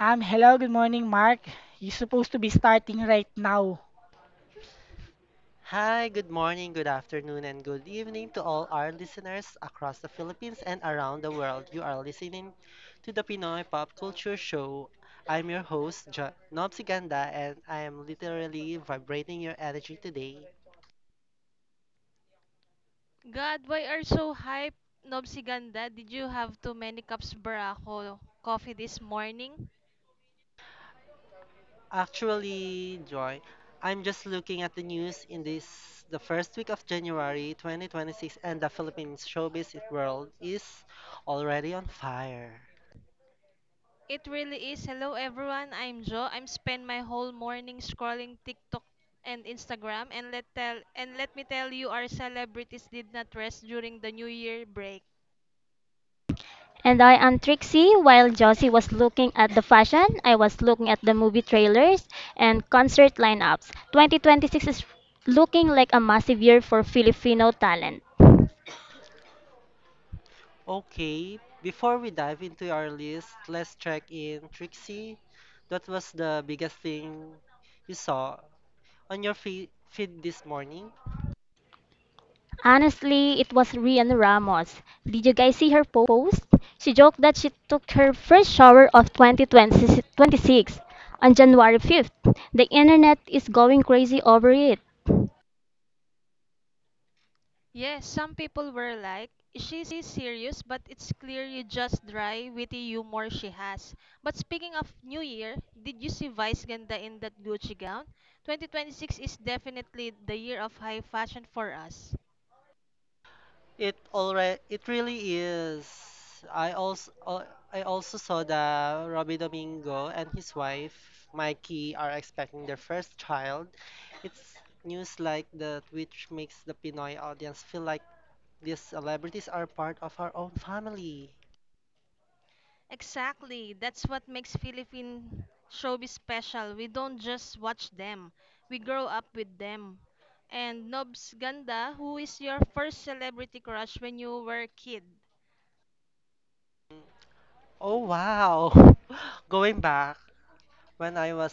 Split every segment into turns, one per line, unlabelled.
Hello, good morning, Mark. You're supposed to be starting right now.
Hi, good morning, good afternoon, and good evening to all our listeners across the Philippines and around the world. You are listening to the Pinoy Pop Culture Show. I'm your host, Nobs Ganda, and I am literally vibrating your energy today.
God, why are so hype? Nobsi Ganda, did you have too many cups Barako coffee this morning?
Actually, Joy, I'm just looking at the news in this the first week of January 2026, and the Philippines showbiz world is already on fire.
It really is. Hello everyone, I'm Joe. I'm spend my whole morning scrolling TikTok and Instagram and let me tell you our celebrities did not rest during the New Year break.
And I am Trixie. While Josie was looking at the fashion, I was looking at the movie trailers and concert lineups. 2026 is looking like a massive year for Filipino talent.
Okay, before we dive into our list, let's check in. Trixie, what was the biggest thing you saw on your feed this morning?
Honestly, it was Rian Ramos. Did you guys see her post? She joked that she took her first shower of 2026 on January 5th. The internet is going crazy over it.
Yes, some people were like, "Is she serious? But it's clear you just dry, witty humor she has. But speaking of New Year, did you see Vice Ganda in that Gucci gown? 2026 is definitely the year of high fashion for us.
It already, it really is. I also, I also saw that Robbie Domingo and his wife, Mikey, are expecting their first child. It's news like that which makes the Pinoy audience feel like these celebrities are part of our own family.
Exactly. That's what makes Philippine showbiz special. We don't just watch them. We grow up with them. And Nobs Ganda, who is your first celebrity crush when you were a kid?
Oh wow. Going back when I was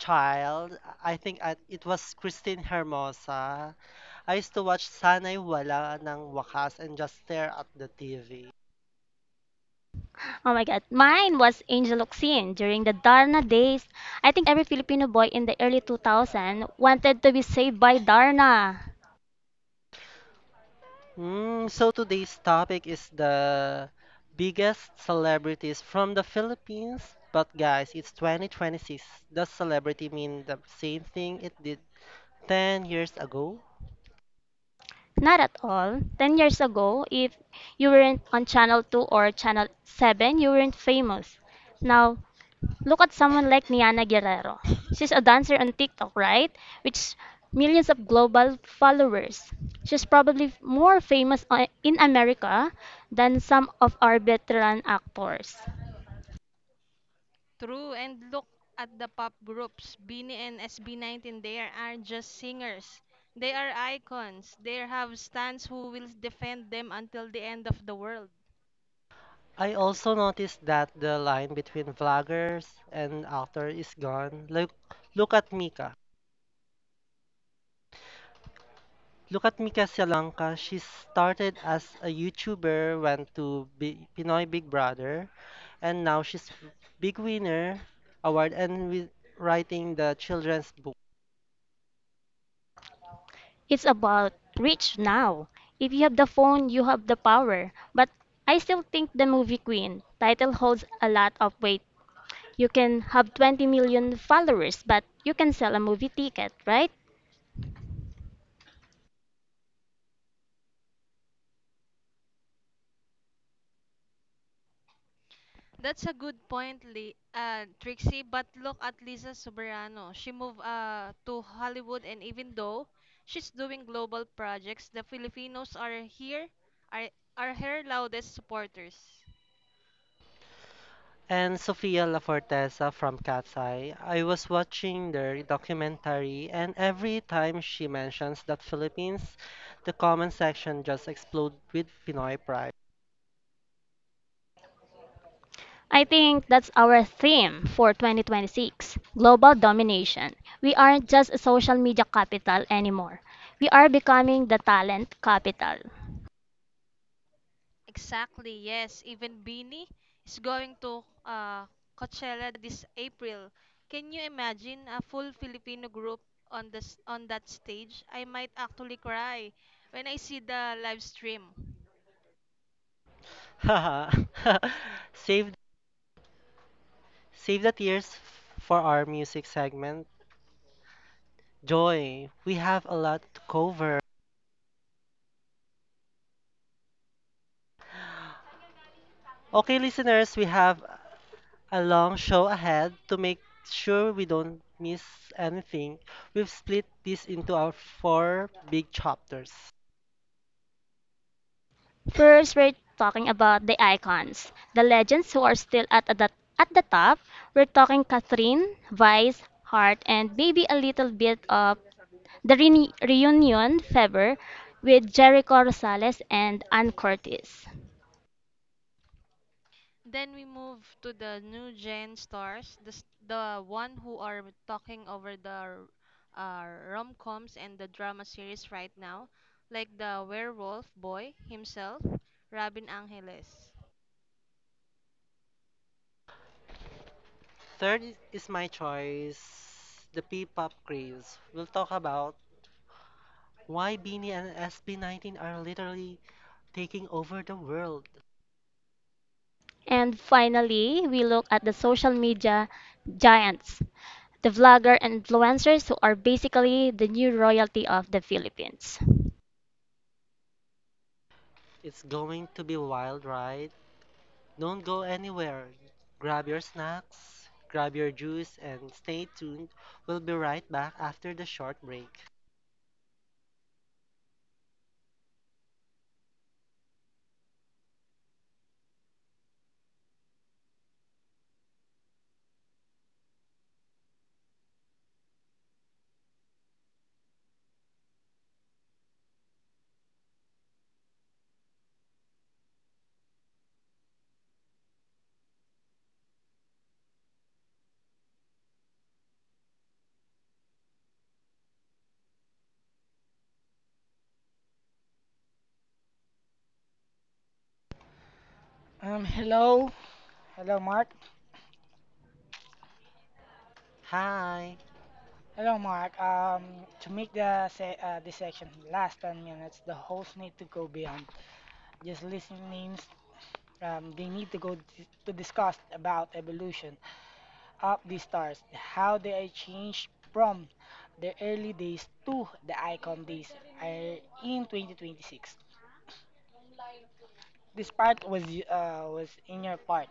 child, I think I, it was Christine Hermosa. I used to watch Sanay Wala ng Wakas and just stare at the TV.
Oh my God. Mine was Angel Locsin during the Darna days. I think every Filipino boy in the early 2000s wanted to be saved by Darna.
So today's topic is the biggest celebrities from the Philippines. But guys, it's 2026. Does celebrity mean the same thing it did 10 years ago?
Not at all. 10 years ago, if you weren't on Channel 2 or Channel 7, you weren't famous. Now, look at someone like Niana Guerrero. She's a dancer on TikTok, right? Which millions of global followers. She's probably more famous in America than some of our veteran actors.
True, and look at the pop groups, Beanie and SB19, they aren't just singers. They are icons. They have stands who will defend them until the end of the world.
I also noticed that the line between vloggers and actor is gone. Like, look at Mika. Look at Mika Salamanca. She started as a YouTuber, went to Pinoy Big Brother, and now she's big winner award and with writing the children's book.
It's about reach now. If you have the phone, you have the power. But I still think the movie Queen title holds a lot of weight. You can have 20 million followers, but you can sell a movie ticket, right?
That's a good point, Trixie. But look at Lisa Soberano. She moved to Hollywood, and even though she's doing global projects, the Filipinos are, are her loudest supporters.
And Sofia La Forteza from Cat's Eye. I was watching their documentary, and every time she mentions that Philippines, the comment section just explodes with Pinoy pride.
I think that's our theme for 2026, global domination. We aren't just a social media capital anymore. We are becoming the talent capital.
Exactly, yes. Even Beanie is going to Coachella this April. Can you imagine a full Filipino group on that stage? I might actually cry when I see the live stream.
Haha. save, save the tears for our music segment. Joy, we have a lot to cover. Okay, listeners, we have a long show ahead to make sure we don't miss anything. We've split this into our four big chapters.
First, we're talking about the icons, the legends who are still at the top. We're talking Catherine, Vice, Hart, and maybe a little bit of the reunion fever with Jericho Rosales and Ann Curtis.
Then we move to the new gen stars, the one who are talking over the rom-coms and the drama series right now, like the werewolf boy himself, Robin Angeles.
Third is my choice, the P-pop craze. We'll talk about why Beanie and SB19 are literally taking over the world.
And finally, we look at the social media giants, the vlogger and influencers who are basically the new royalty of the Philippines.
It's going to be wild, right? Don't go anywhere. Grab your snacks, grab your juice, and stay tuned. We'll be right back after the short break.
Hello, hello, Mark.
Hi.
Hello, Mark. To make the se this section last 10 minutes, the hosts need to go beyond just listing names. They need to to discuss about evolution of the stars, how they are changed from the early days to the icon days in 2026. This part was was in your part.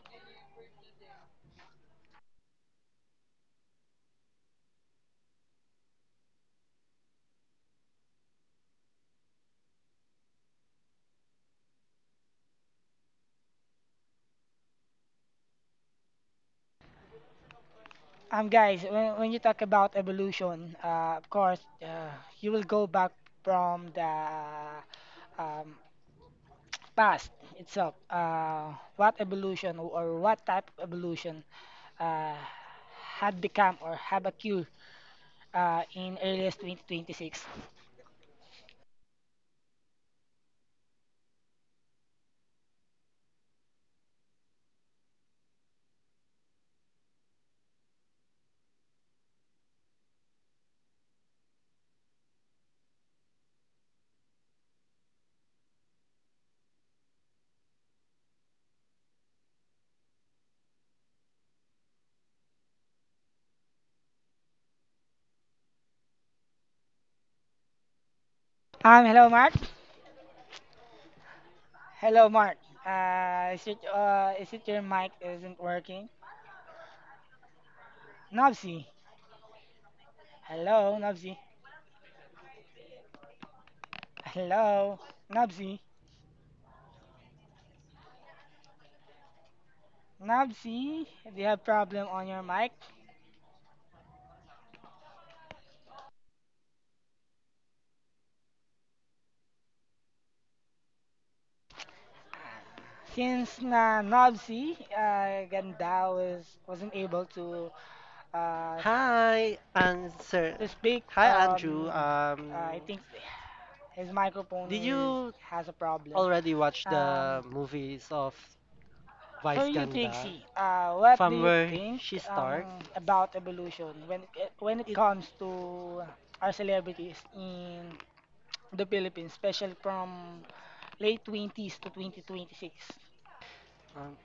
Guys, when you talk about evolution, of course, you will go back from the um, past itself. What evolution or what type of evolution uh, had become or have occurred in earliest 2026? Hello, Mark. Hello, Mark. Is it your mic isn't working? Nobsy. Hello, Nobsy. Hello, Nobsy. Nobsy, do you have problem on your mic? Since na Nobsy Ganda was wasn't able uh,
Hi, answer.
to speak,
Hi, Andrew.
I think his microphone
Did
is
you
has a problem.
already watch
Um,
the movies of
for
Vice
you,
Ganda?
Trixie, what do
From
you
where
think
she started.
about evolution when it
It,
comes to our celebrities in the Philippines, especially from late 20s to 2026?
um,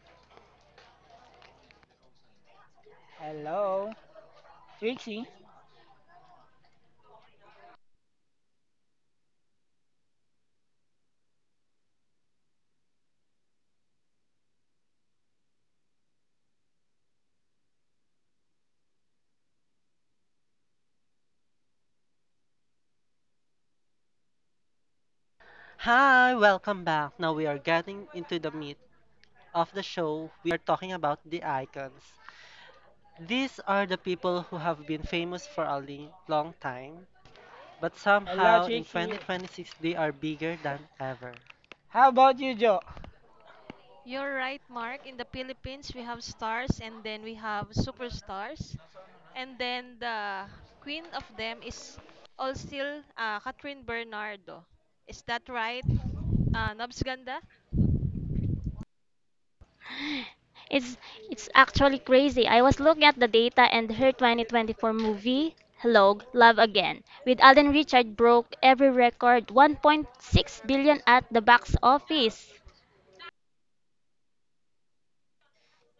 Hello. Trixie.
hi, welcome back. Now we are getting into the meat of the show. We are talking about the icons. These are the people who have been famous for a long time, but
Hello,
somehow in
Trixie.
2026 they are bigger than ever.
How about you, Joe?
You're right, Mark. In the Philippines, we have stars and then we have superstars. And then the queen of them is all still Catherine Bernardo. Is that right, Nobs Ganda?
It's it's actually crazy. I was looking at the data and her 2024 movie, Hello, Love Again, with Alden Richard broke every record, 1.6 billion at the box office.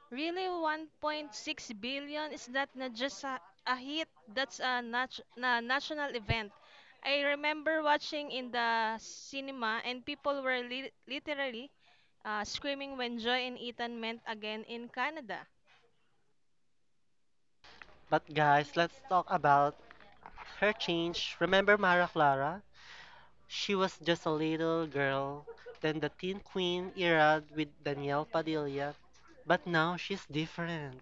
Really, 1.6 billion is that not just a hit? That's a, nat- na national event. I remember watching in the cinema and people were literally screaming when Joy and Ethan met again in Canada.
But guys, let's talk about her change. Remember Mara Clara? She was just a little girl, then the teen queen era with Danielle Padilla, but now she's different.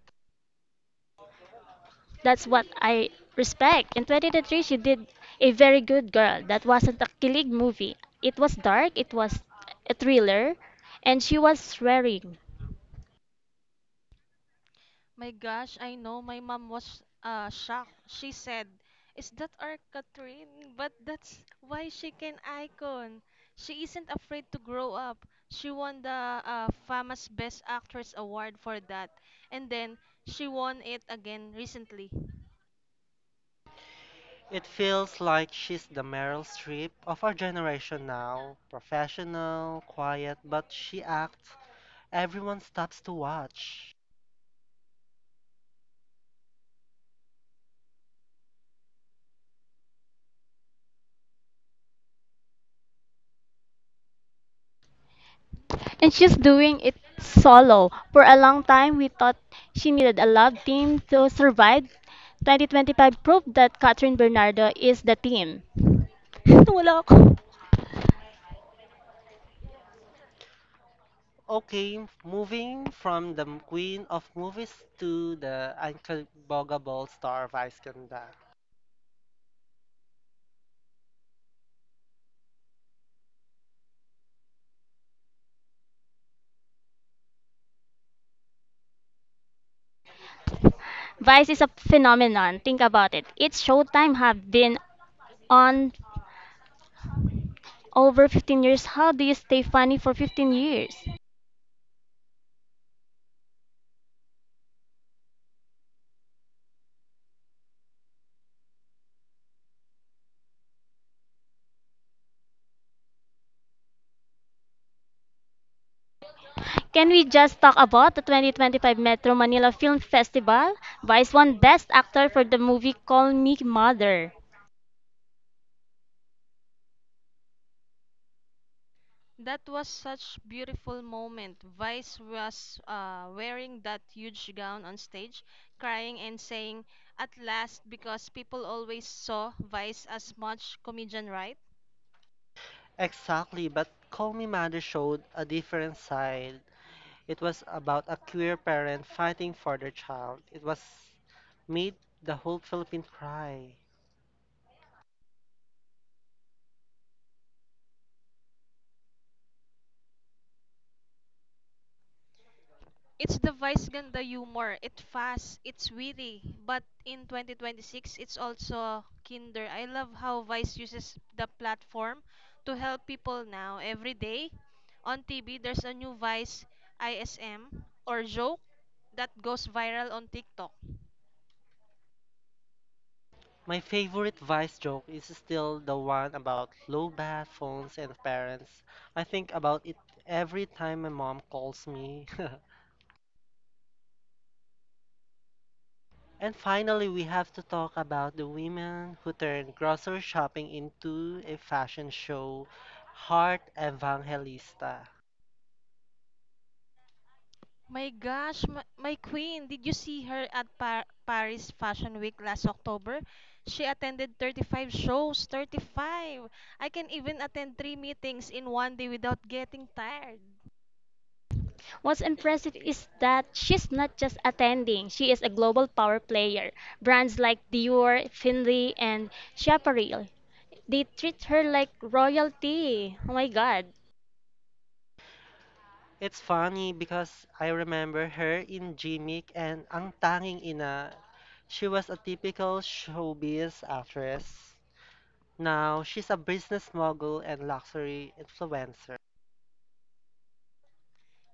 That's what I respect. In 2023, she did a very good girl. That wasn't a killing movie. It was dark, it was a thriller, and she was swearing.
My gosh, I know my mom was shocked. She said, Is that our Catherine? But that's why she can icon. She isn't afraid to grow up. She won the famous Best Actress Award for that. And then she won it again recently.
It feels like she's the Meryl Streep of our generation now. Professional, quiet, but she acts everyone stops to watch.
And she's doing it solo. For a long time, we thought she needed a love team to survive. 2025 proved that Catherine Bernardo is the team. Wala ako.
Okay, moving from the queen of movies to the uncontrollable star of Iskandar.
Vice is a phenomenon. Think about it. Its showtime have been on over 15 years. How do you stay funny for 15 years? Can we just talk about the 2025 Metro Manila Film Festival? Vice won Best Actor for the movie Call Me Mother.
That was such beautiful moment. Vice was wearing that huge gown on stage, crying and saying, at last, because people always saw Vice as much comedian, right?
Exactly, but Call Me Mother showed a different side. It was about a queer parent fighting for their child. It was made the whole Philippine cry.
It's the Vice Ganda humor. It's fast, it's witty, but in 2026, it's also kinder. I love how Vice uses the platform to help people now. Every day on TV, there's a new Vice ISM or joke that goes viral on TikTok.
My favorite Vice joke is still the one about low bat phones and parents. I think about it every time my mom calls me. And finally, we have to talk about the women who turned grocery shopping into a fashion show, Heart Evangelista.
My gosh, my queen, did you see her at Paris Fashion Week last October? She attended 35 shows, 35. I can even attend three meetings in one day without getting tired.
What's impressive is that she's not just attending, she is a global power player. Brands like Dior, Finley, and Chaparral, they treat her like royalty. Oh my god.
It's funny because I remember her in Jimmick and Ang Tanging Ina. She was a typical showbiz actress. Now she's a business mogul and luxury influencer.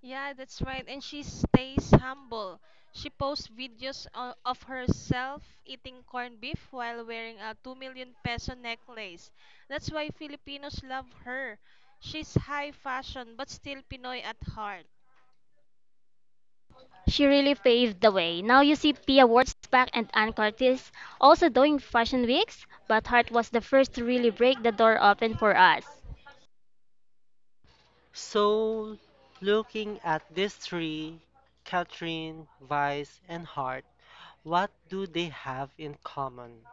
Yeah, that's right. And she stays humble. She posts videos of herself eating corned beef while wearing a 2 million peso necklace. That's why Filipinos love her. She's high fashion but still Pinoy at heart.
She really paved the way. Now you see Pia Wurtzbach and Anne Curtis also doing fashion weeks, but Hart was the first to really break the door open for us.
So, looking at these three, Catherine, Vice, and Hart, what do they have in common?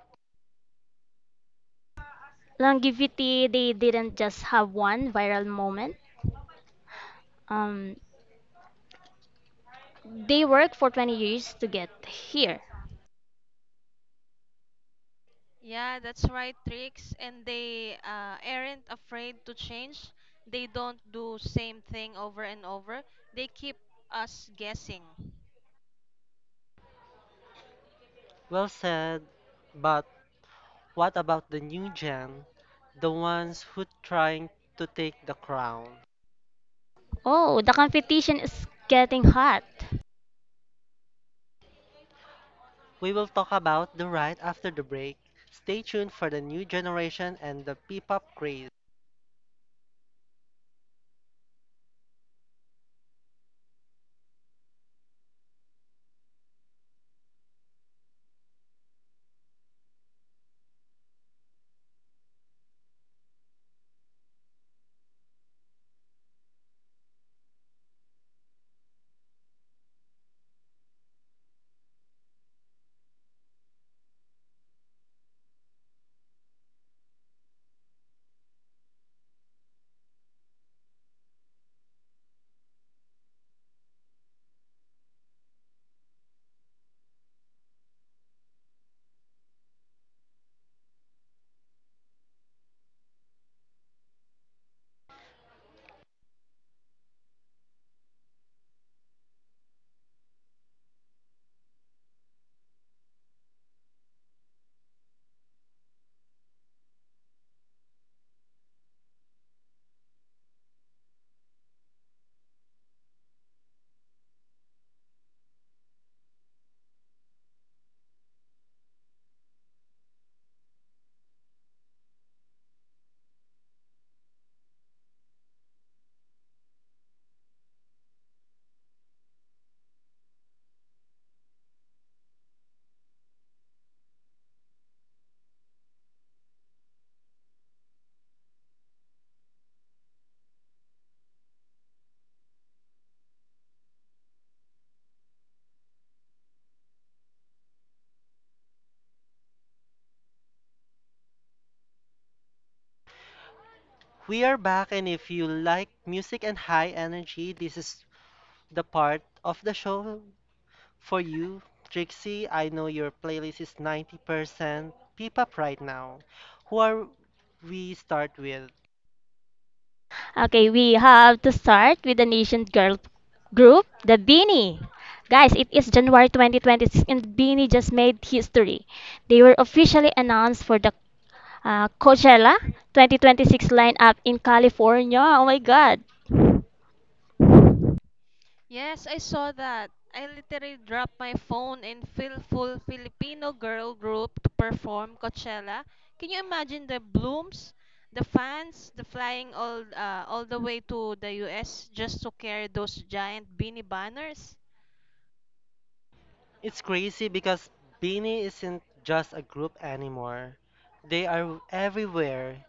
Longevity, they didn't just have one viral moment. Um, they worked for 20 years to get here.
Yeah, that's right, Tricks. And they aren't afraid to change. They don't do same thing over and over. They keep us guessing.
Well said, but what about the new gen, the ones who trying to take the crown?
Oh, the competition is getting hot.
We will talk about the right after the break. Stay tuned for the new generation and the P-pop craze. We are back, and if you like music and high energy, this is the part of the show for you, Trixie. I know your playlist is 90% P-pop right now. Who are we start with?
Okay, we have to start with the nation girl group, the Beanie. Guys, it is January 2026 and Beanie just made history. They were officially announced for the Coachella 2026 lineup in California. Oh my god.
Yes, I saw that. I literally dropped my phone in fill Full Filipino girl group to perform Coachella. Can you imagine the blooms, the fans, the flying all the way to the US just to carry those giant beanie banners?
It's crazy because Beanie isn't just a group anymore. They are everywhere.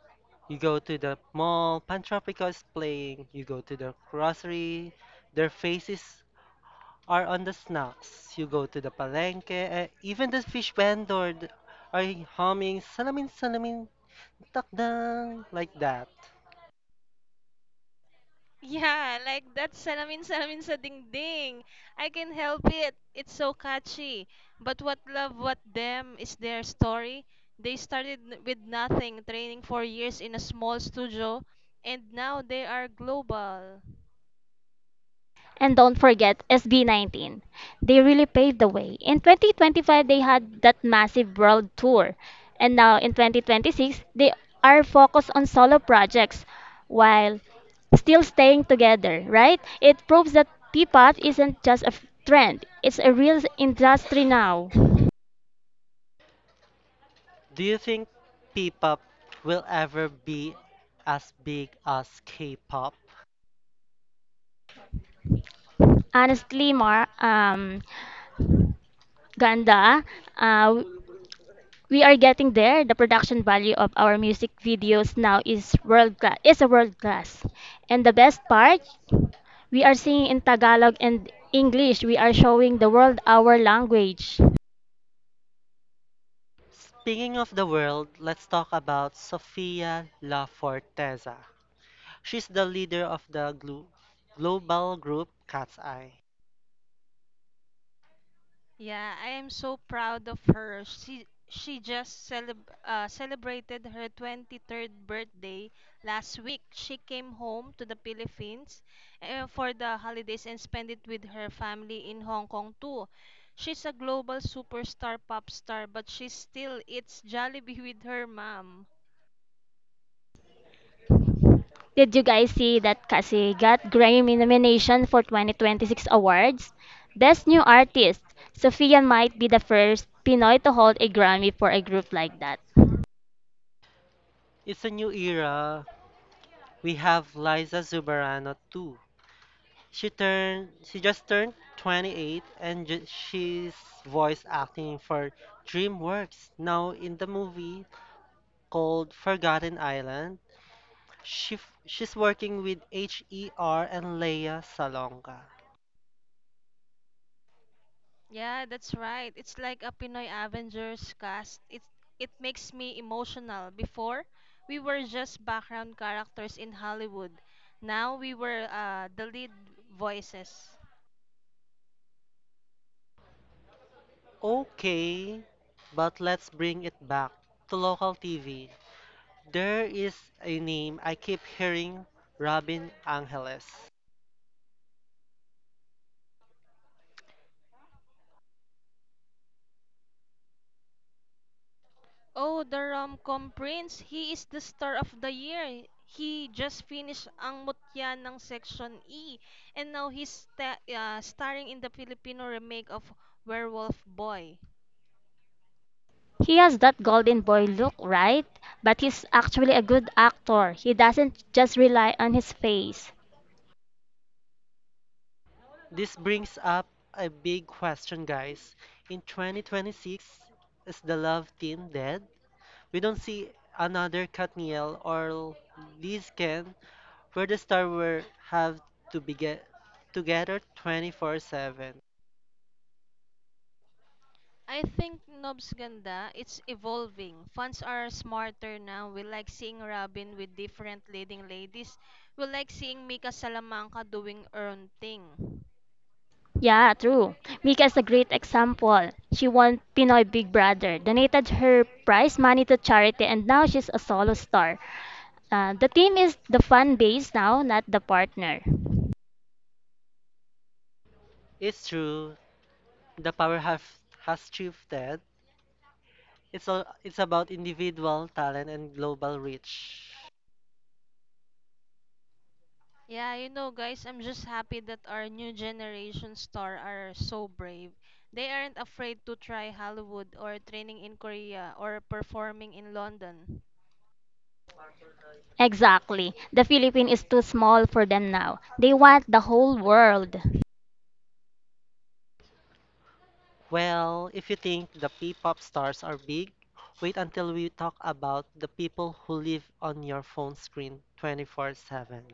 You go to the mall, Pantropica is playing. You go to the grocery, their faces are on the snacks. You go to the palenque, eh, even the fish vendor are humming salamin salamin takdang like that.
Yeah, like that salamin salamin sa dingding. I can help it. It's so catchy. But what love what them is their story. They started with nothing, training for years in a small studio, and now they are global.
And don't forget SB19. They really paved the way. In 2025, they had that massive world tour. And now in 2026, they are focused on solo projects while still staying together, right? It proves that P-pop isn't just a trend, it's a real industry now.
Do you think P-pop will ever be as big as K-pop?
Honestly, Mar, Ganda, uh, we are getting there. The production value of our music videos now is world class. Is a world class. And the best part, we are singing in Tagalog and English. We are showing the world our language.
Speaking of the world, let's talk about Sofia La Forteza. She's the leader of the global group Cat's Eye.
Yeah, I am so proud of her. She just celebrated her 23rd birthday last week. She came home to the Philippines for the holidays and spent it with her family in Hong Kong too. She's a global superstar pop star, but she still eats Jollibee with her mom.
Did you guys see that Kasi got Grammy nomination for 2026 awards? Best New Artist. Sophia might be the first Pinoy to hold a Grammy for a group like that.
It's a new era. We have Liza Zubarano too. She just turned 28 and she's voice acting for DreamWorks now in the movie called Forgotten Island. She's working with HER and Leia Salonga.
Yeah, that's right. It's like a Pinoy Avengers cast. It makes me emotional. Before, we were just background characters in Hollywood. Now we were the lead voices.
Okay, but let's bring it back to local TV. There is a name I keep hearing, Robin Angeles.
Oh, the rom-com prince. He is the star of the year. He just finished ang mutya ng Section E and now he's starring in the Filipino remake of Werewolf Boy.
He has that golden boy look, right? But he's actually a good actor. He doesn't just rely on his face.
This brings up a big question, guys. In 2026, is the love team dead? We don't see another Katniel or Lizken where the stars were have to be get together 24/7.
I think Nob's Ganda, it's evolving. Fans are smarter now. We like seeing Robin with different leading ladies. We like seeing Mika Salamanca doing her own thing.
Yeah, true. Mika is a great example. She won Pinoy Big Brother, donated her prize money to charity, and now she's a solo star. The team is the fan base now, not the partner.
It's true, the power have, has shifted. It's about individual talent and global reach.
Yeah, guys, I'm just happy that our new generation star are so brave. They aren't afraid to try Hollywood or training in Korea or performing in London.
Exactly. The Philippines is too small for them now. They want the whole world.
Well, if you think the P-pop stars are big, wait until we talk about the people who live on your phone screen 24/7.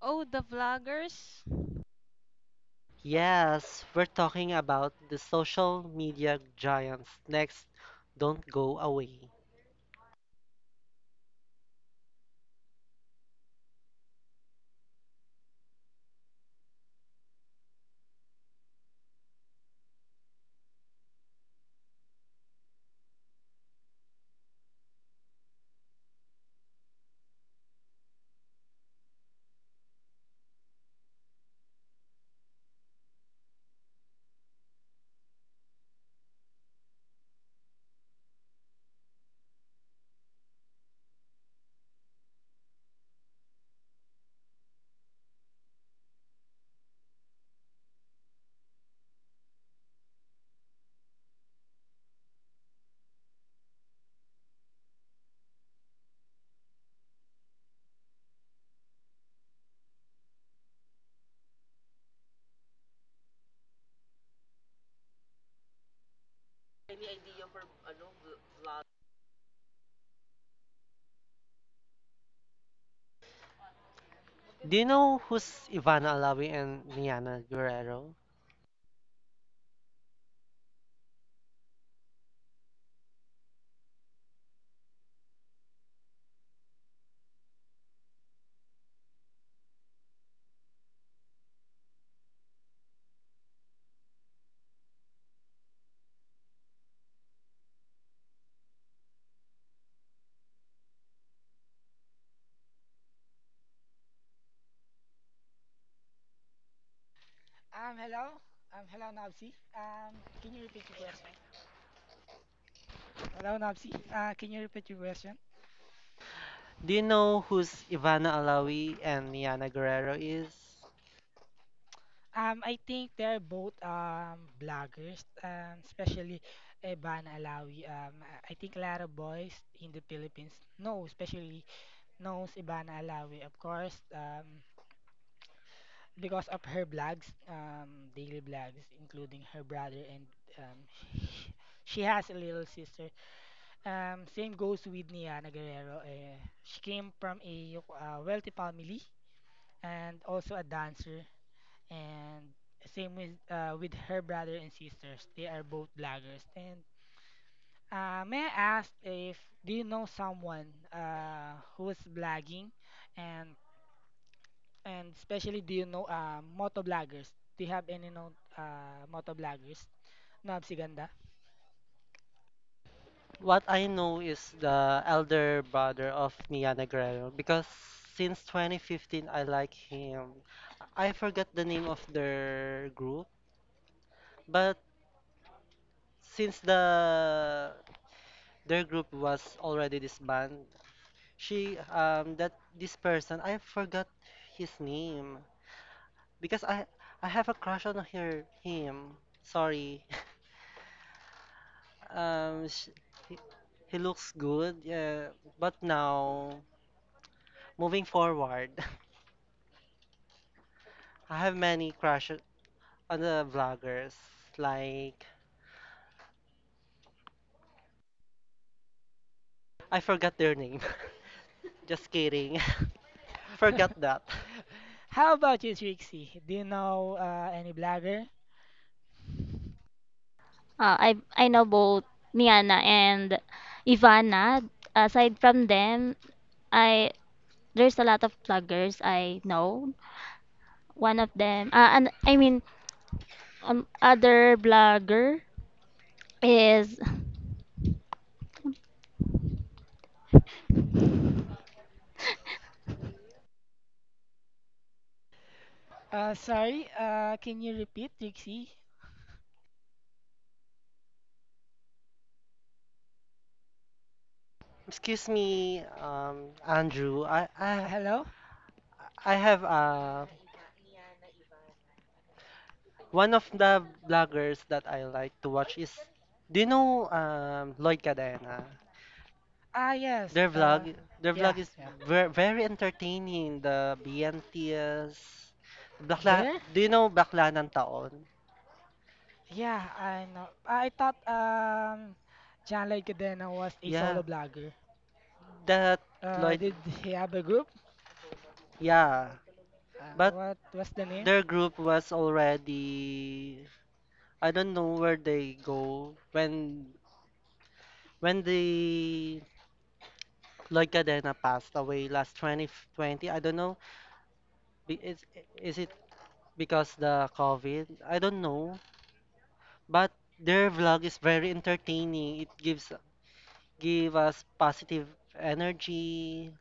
Oh, the vloggers?
Yes, we're talking about the social media giants. Next, don't go away. Do you know who's Ivana Alawi and Niana Guerrero?
Hello. Hello, Nobsy. Can you repeat your question? Hello, Nobsy. Can you repeat your question?
Do you know who's Ivana Alawi and Niana Guerrero is?
I think they're both bloggers, especially Evan Alawi. I think a lot of boys in the Philippines know, especially knows Ivana Alawi, of course, because of her blogs, daily blogs, including her brother and um, she she has a little sister. Same goes with Niana Guerrero. She came from a wealthy family and also a dancer. And same with her brother and sisters. They are both bloggers. And may I ask if do you know someone who is blogging, and and especially do you know moto bloggers? Do you have any known moto bloggers? Nob si ganda.
What I know is the elder brother of Niana Guerrero because since 2015 I like him. I forgot the name of their group, but since the their group was already disbanded, she that this person I forgot his name. Because I have a crush on her him. Sorry. Sh he, he looks good. Yeah, but now moving forward, I have many crushes on the vloggers. Like I forgot their name. Just kidding. Forgot that.
How about you, Trixie? Do you know any blogger?
I know both Niana and Ivana. Aside from them, I there's a lot of bloggers I know. One of them, other blogger is,
Sorry, can you repeat, Trixie?
Excuse me, Andrew. I I
Hello?
I have one of the vloggers that I like to watch is. Do you know Lloyd Cadena?
Ah, yes.
Their
Uh,
vlog, their vlog
yeah,
is
yeah.
very entertaining. The BNTs, Bakla,
There?
do you know Bakla ng Taon?
Yeah, I know. I thought John Leguidena was a
Yeah,
solo blogger.
that Lloyd,
Did he have a group?
yeah. But
What was the name?
their group was already, I don't know where they go when the Lloyd Cadena passed away last 2020. I don't know. Be- Is is it because the COVID? I don't know. But their vlog is very entertaining. It give us positive energy.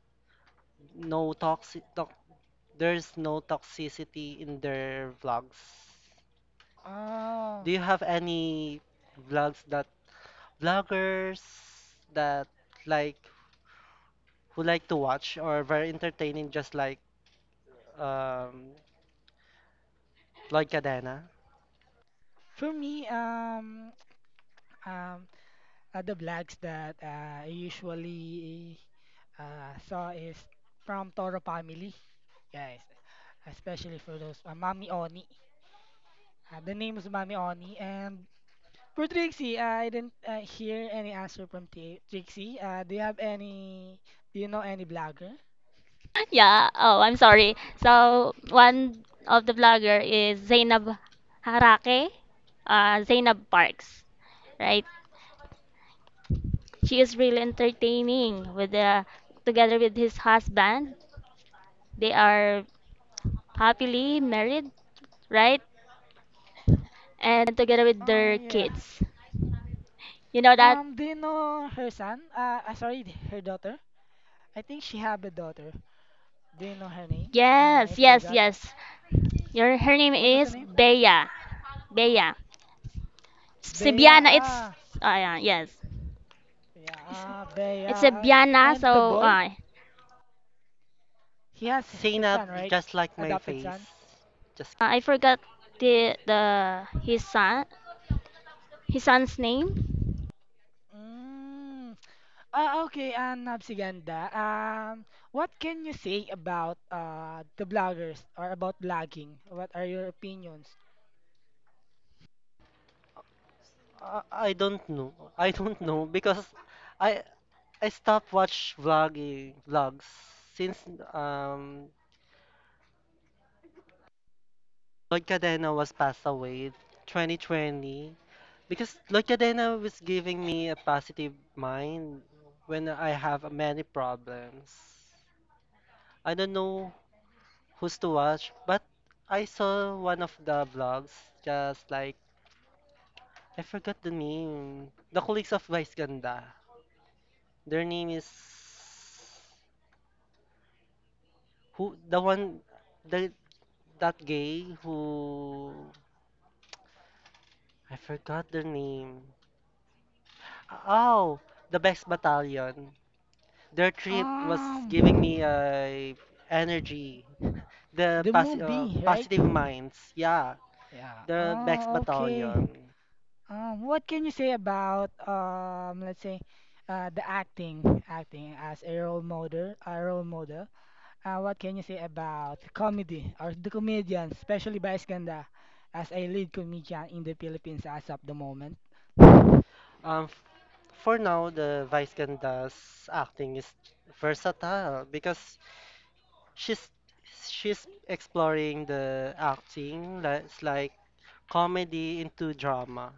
No toxic, there's no toxicity in their vlogs. Do
Oh,
you have any vlogs that vloggers that like who like to watch or very entertaining, just like um, Lloyd Cadena?
for me, um, the blogs that I usually saw is from Toro Family, guys, especially for those Mami Oni. The name is Mami Oni, and for Trixie, I didn't hear any answer from T Trixie. Do you have any? Do you know any blogger?
yeah. Oh, I'm sorry. So one of the blogger is Zainab Harake, Zainab Parks, right? She is really entertaining with the together with his husband. They are happily married right? And together with
Oh
their
yeah.
kids. You know that?
Do you know her son? Sorry, her daughter. I think she have a daughter. Do you know her name?
Yes,
I
yes,
forgot.
yes. Your her name
What was the
is
name?
Bea. Bea.
Bea.
Sibiana. It's
Ah,
ah yeah, yes.
yeah. Ah, Bea.
It's
Ah.
Sibiana.
And the
So
boy? He has his
Zainab,
son, right?
just like my
Adopted son.
face. Just
I forgot the his son his son's name.
Mm. Okay, and Nabsiganda, what can you say about the bloggers or about blogging? What are your opinions?
I don't know. I don't know because I I stopped watch vlogging vlogs since um Lord Cadena was passed away 2020 because Lord Cadena was giving me a positive mind when I have many problems. I don't know who's to watch, but I saw one of the vlogs, just like, I forgot the name. The colleagues of Vice Ganda. Their name is who the one the that gay who I forgot their name. Oh, the Best Battalion. Their trip was giving me
Um,
energy, the
the movie, right?
positive minds. Yeah,
Yeah.
the Bex
Oh, okay.
Battalion.
What can you say about let's say, the acting as a role model, a role model? What can you say about comedy or the comedians, especially Vice Ganda, as a lead comedian in the Philippines as of the moment?
Um, f- for now, the Vice Ganda's acting is versatile because she's she's exploring the acting, like, it's like comedy into drama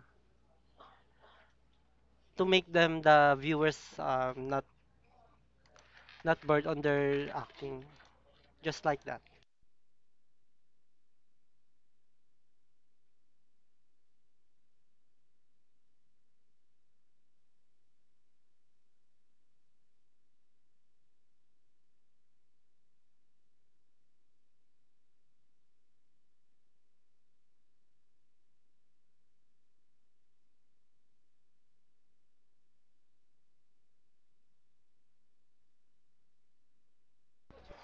to make them the viewers not bored on their acting, just like that.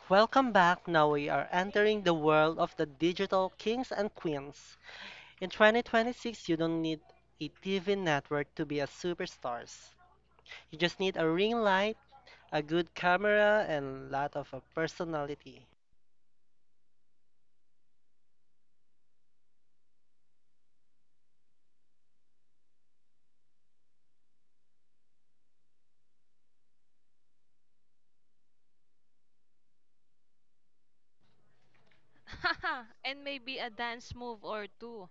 Welcome back. Now we are entering the world of the digital kings and queens. In 2026, you don't need a TV network to be a superstars. You just need a ring light, a good camera, and a lot of a personality.
Haha, and maybe a dance move or two.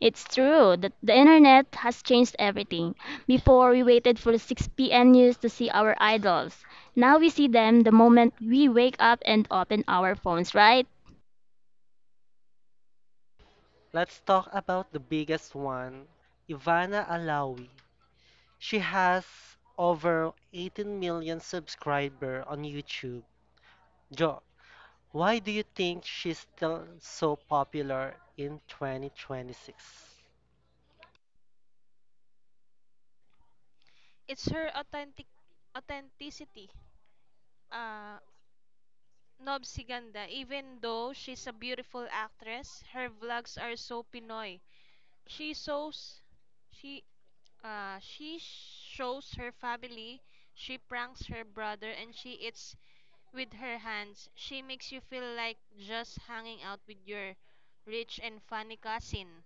It's true that the internet has changed everything. Before we waited for 6 p.m. news to see our idols. Now we see them the moment we wake up and open our phones, right?
Let's talk about the biggest one, Ivana Alawi. She has over 18 million subscribers on YouTube. Jo, why do you think she's still so popular in 2026?
It's her authenticity. Uh, Nob Siganda, even though she's a beautiful actress, her vlogs are so Pinoy. She shows she she shows her family, she pranks her brother and she eats with her hands. She makes you feel like just hanging out with your rich and funny cousin.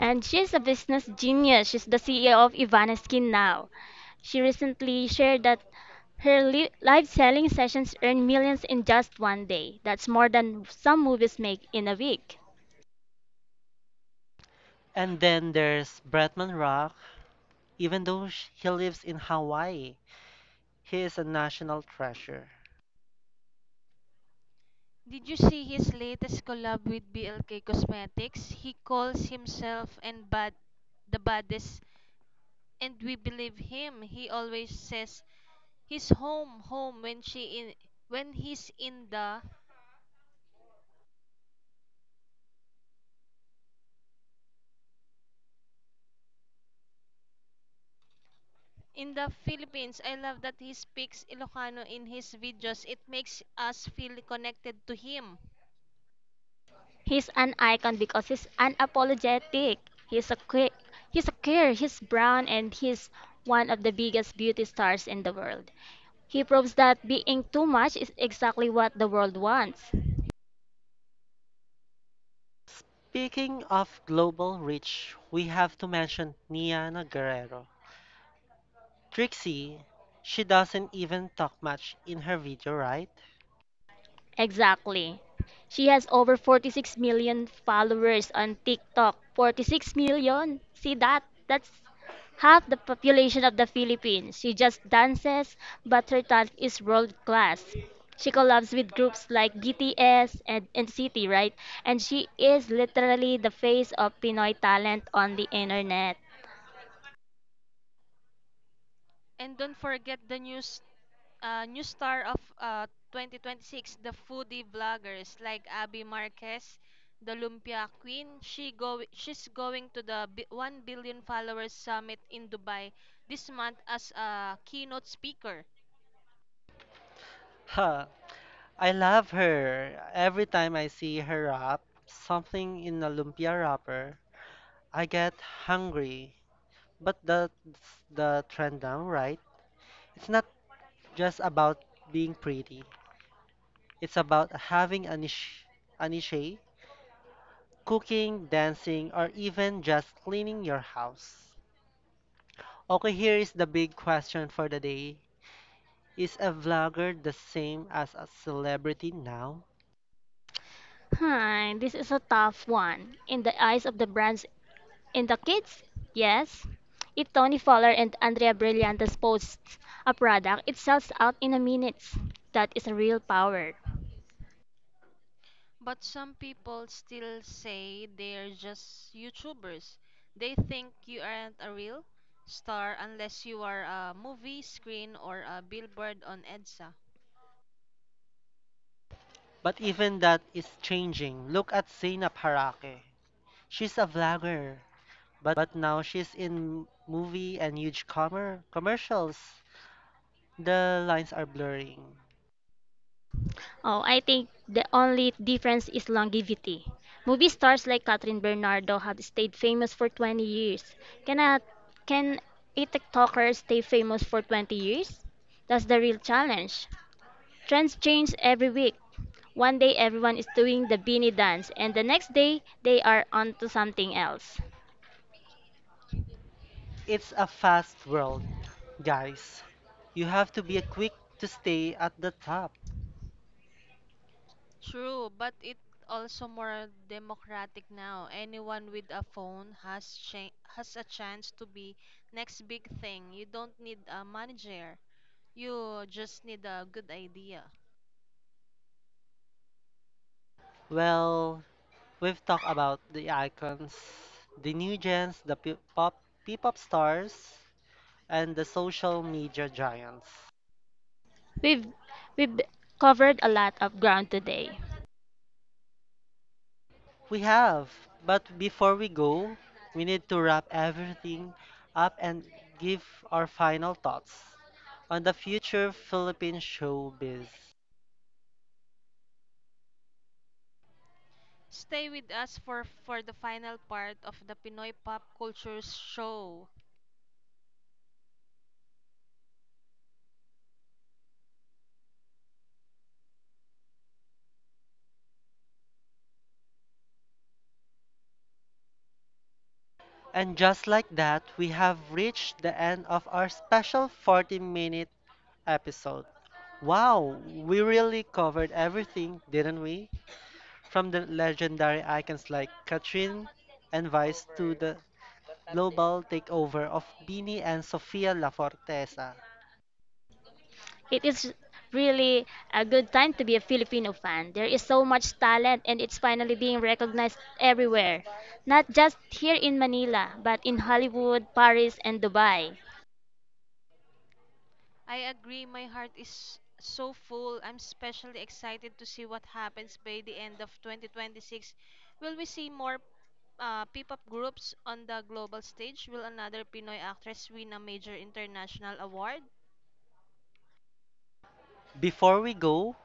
And she's a business genius. She's the CEO of Ivaneskin now. She recently shared that her live selling sessions earn millions in just one day. That's more than some movies make in a week.
And then there's Bretman Rock. Even though he lives in Hawaii, he is a national treasure.
Did you see his latest collab with BLK Cosmetics? He calls himself and bad the baddest and we believe him. He always says he's home, home when she in when he's in the Philippines. I love that he speaks Ilocano in his videos. It makes us feel connected to him.
He's an icon because he's unapologetic. He's a que- he's a queer, he's brown and he's one of the biggest beauty stars in the world. He proves that being too much is exactly what the world wants.
Speaking of global reach, we have to mention Niana Guerrero. Trixie, she doesn't even talk much in her video, right?
Exactly. She has over 46 million followers on TikTok. 46 million? See that? That's half the population of the Philippines. She just dances, but her talent is world class. She collabs with groups like BTS and NCT, right? And she is literally the face of Pinoy talent on the internet.
And don't forget the new star of 2026, the foodie vloggers like Abby Marquez, the Lumpia Queen. She's going to the 1 billion followers summit in Dubai this month as a keynote speaker.
Huh, I love her. Every time I see her wrap something in a lumpia wrapper, I get hungry. But that's the trend now, right? It's not just about being pretty. It's about having a niche, cooking, dancing, or even just cleaning your house. Okay, here is the big question for the day. Is a vlogger the same as a celebrity now?
Hi, this is a tough one. In the eyes of the brands In the kids? Yes. If Tony Fowler and Andrea Brillantes posts a product, it sells out in a minute. That is a real power.
But some people still say they're just YouTubers. They think you aren't a real star unless you are a movie screen or a billboard on EDSA.
But even that is changing. Look at Zainab Harake. She's a vlogger, but now she's in movie and huge commercials. The lines are blurring.
Oh, I think the only difference is longevity. Movie stars like Catherine Bernardo have stayed famous for 20 years. Can a, can a TikToker stay famous for 20 years? That's the real challenge. Trends change every week. One day everyone is doing the beanie dance, and the next day they are onto something else.
It's a fast world. Guys, you have to be quick to stay at the top.
True, but it also more democratic now. Anyone with a phone has a chance to be next big thing. You don't need a manager. You just need a good idea.
Well, we've talked about the icons, the new gens, the pe- pop P-pop stars, and the social media giants.
We've we've covered a lot of ground today.
We have, but before we go, we need to wrap everything up and give our final thoughts on the future Philippine showbiz.
Stay with us for the final part of the Pinoy Pop Culture Show.
And just like that, we have reached the end of our special 40-minute episode. Wow, we really covered everything, didn't we? From the legendary icons like Katrin and Vice to the global takeover of Beanie and Sofia La Forteza.
It is really a good time to be a Filipino fan. There is so much talent and it's finally being recognized everywhere. Not just here in Manila, but in Hollywood, Paris, and Dubai.
I agree, my heart is so full. I'm especially excited to see what happens by the end of 2026. Will we see more P-pop groups on the global stage will another Pinoy actress win a major international award?
Before we go,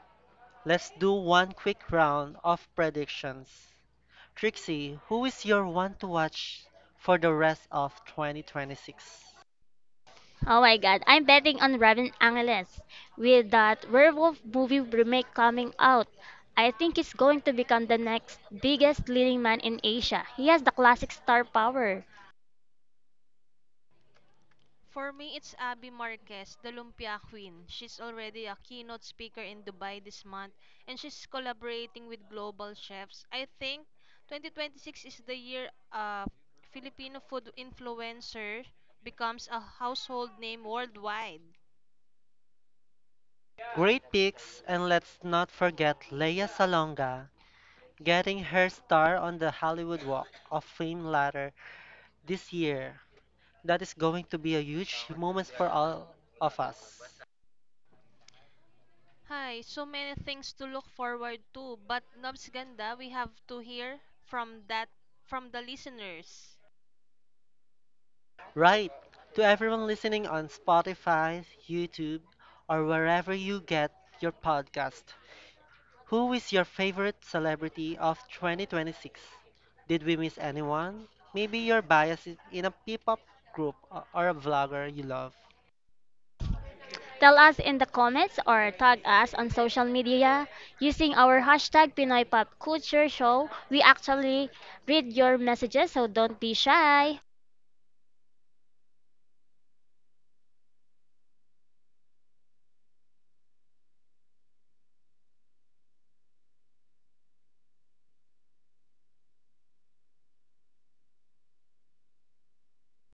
let's do one quick round of predictions. Trixie, who is your one to watch for the rest of 2026?
Oh my god, I'm betting on Robin Angeles. With that werewolf movie remake coming out, I think he's going to become the next biggest leading man in Asia. He has the classic star power.
For me, it's Abby Marquez, the Lumpia Queen. She's already a keynote speaker in Dubai this month and she's collaborating with global chefs. I think 2026 is the year a Filipino food influencer becomes a household name worldwide.
Great picks, and let's not forget Lea Salonga getting her star on the Hollywood Walk of Fame ladder this year. That is going to be a huge moment for all of us.
Hi, so many things to look forward to, but Nobs Ganda, we have to hear from the listeners.
Right, to everyone listening on Spotify, YouTube, or wherever you get your podcast, who is your favorite celebrity of 2026? Did we miss anyone? Maybe you're biased in a P-pop group or a vlogger you love.
Tell us in the comments or tag us on social media using our hashtag Pinoy Pop Culture Show. We actually read your messages, so don't be shy.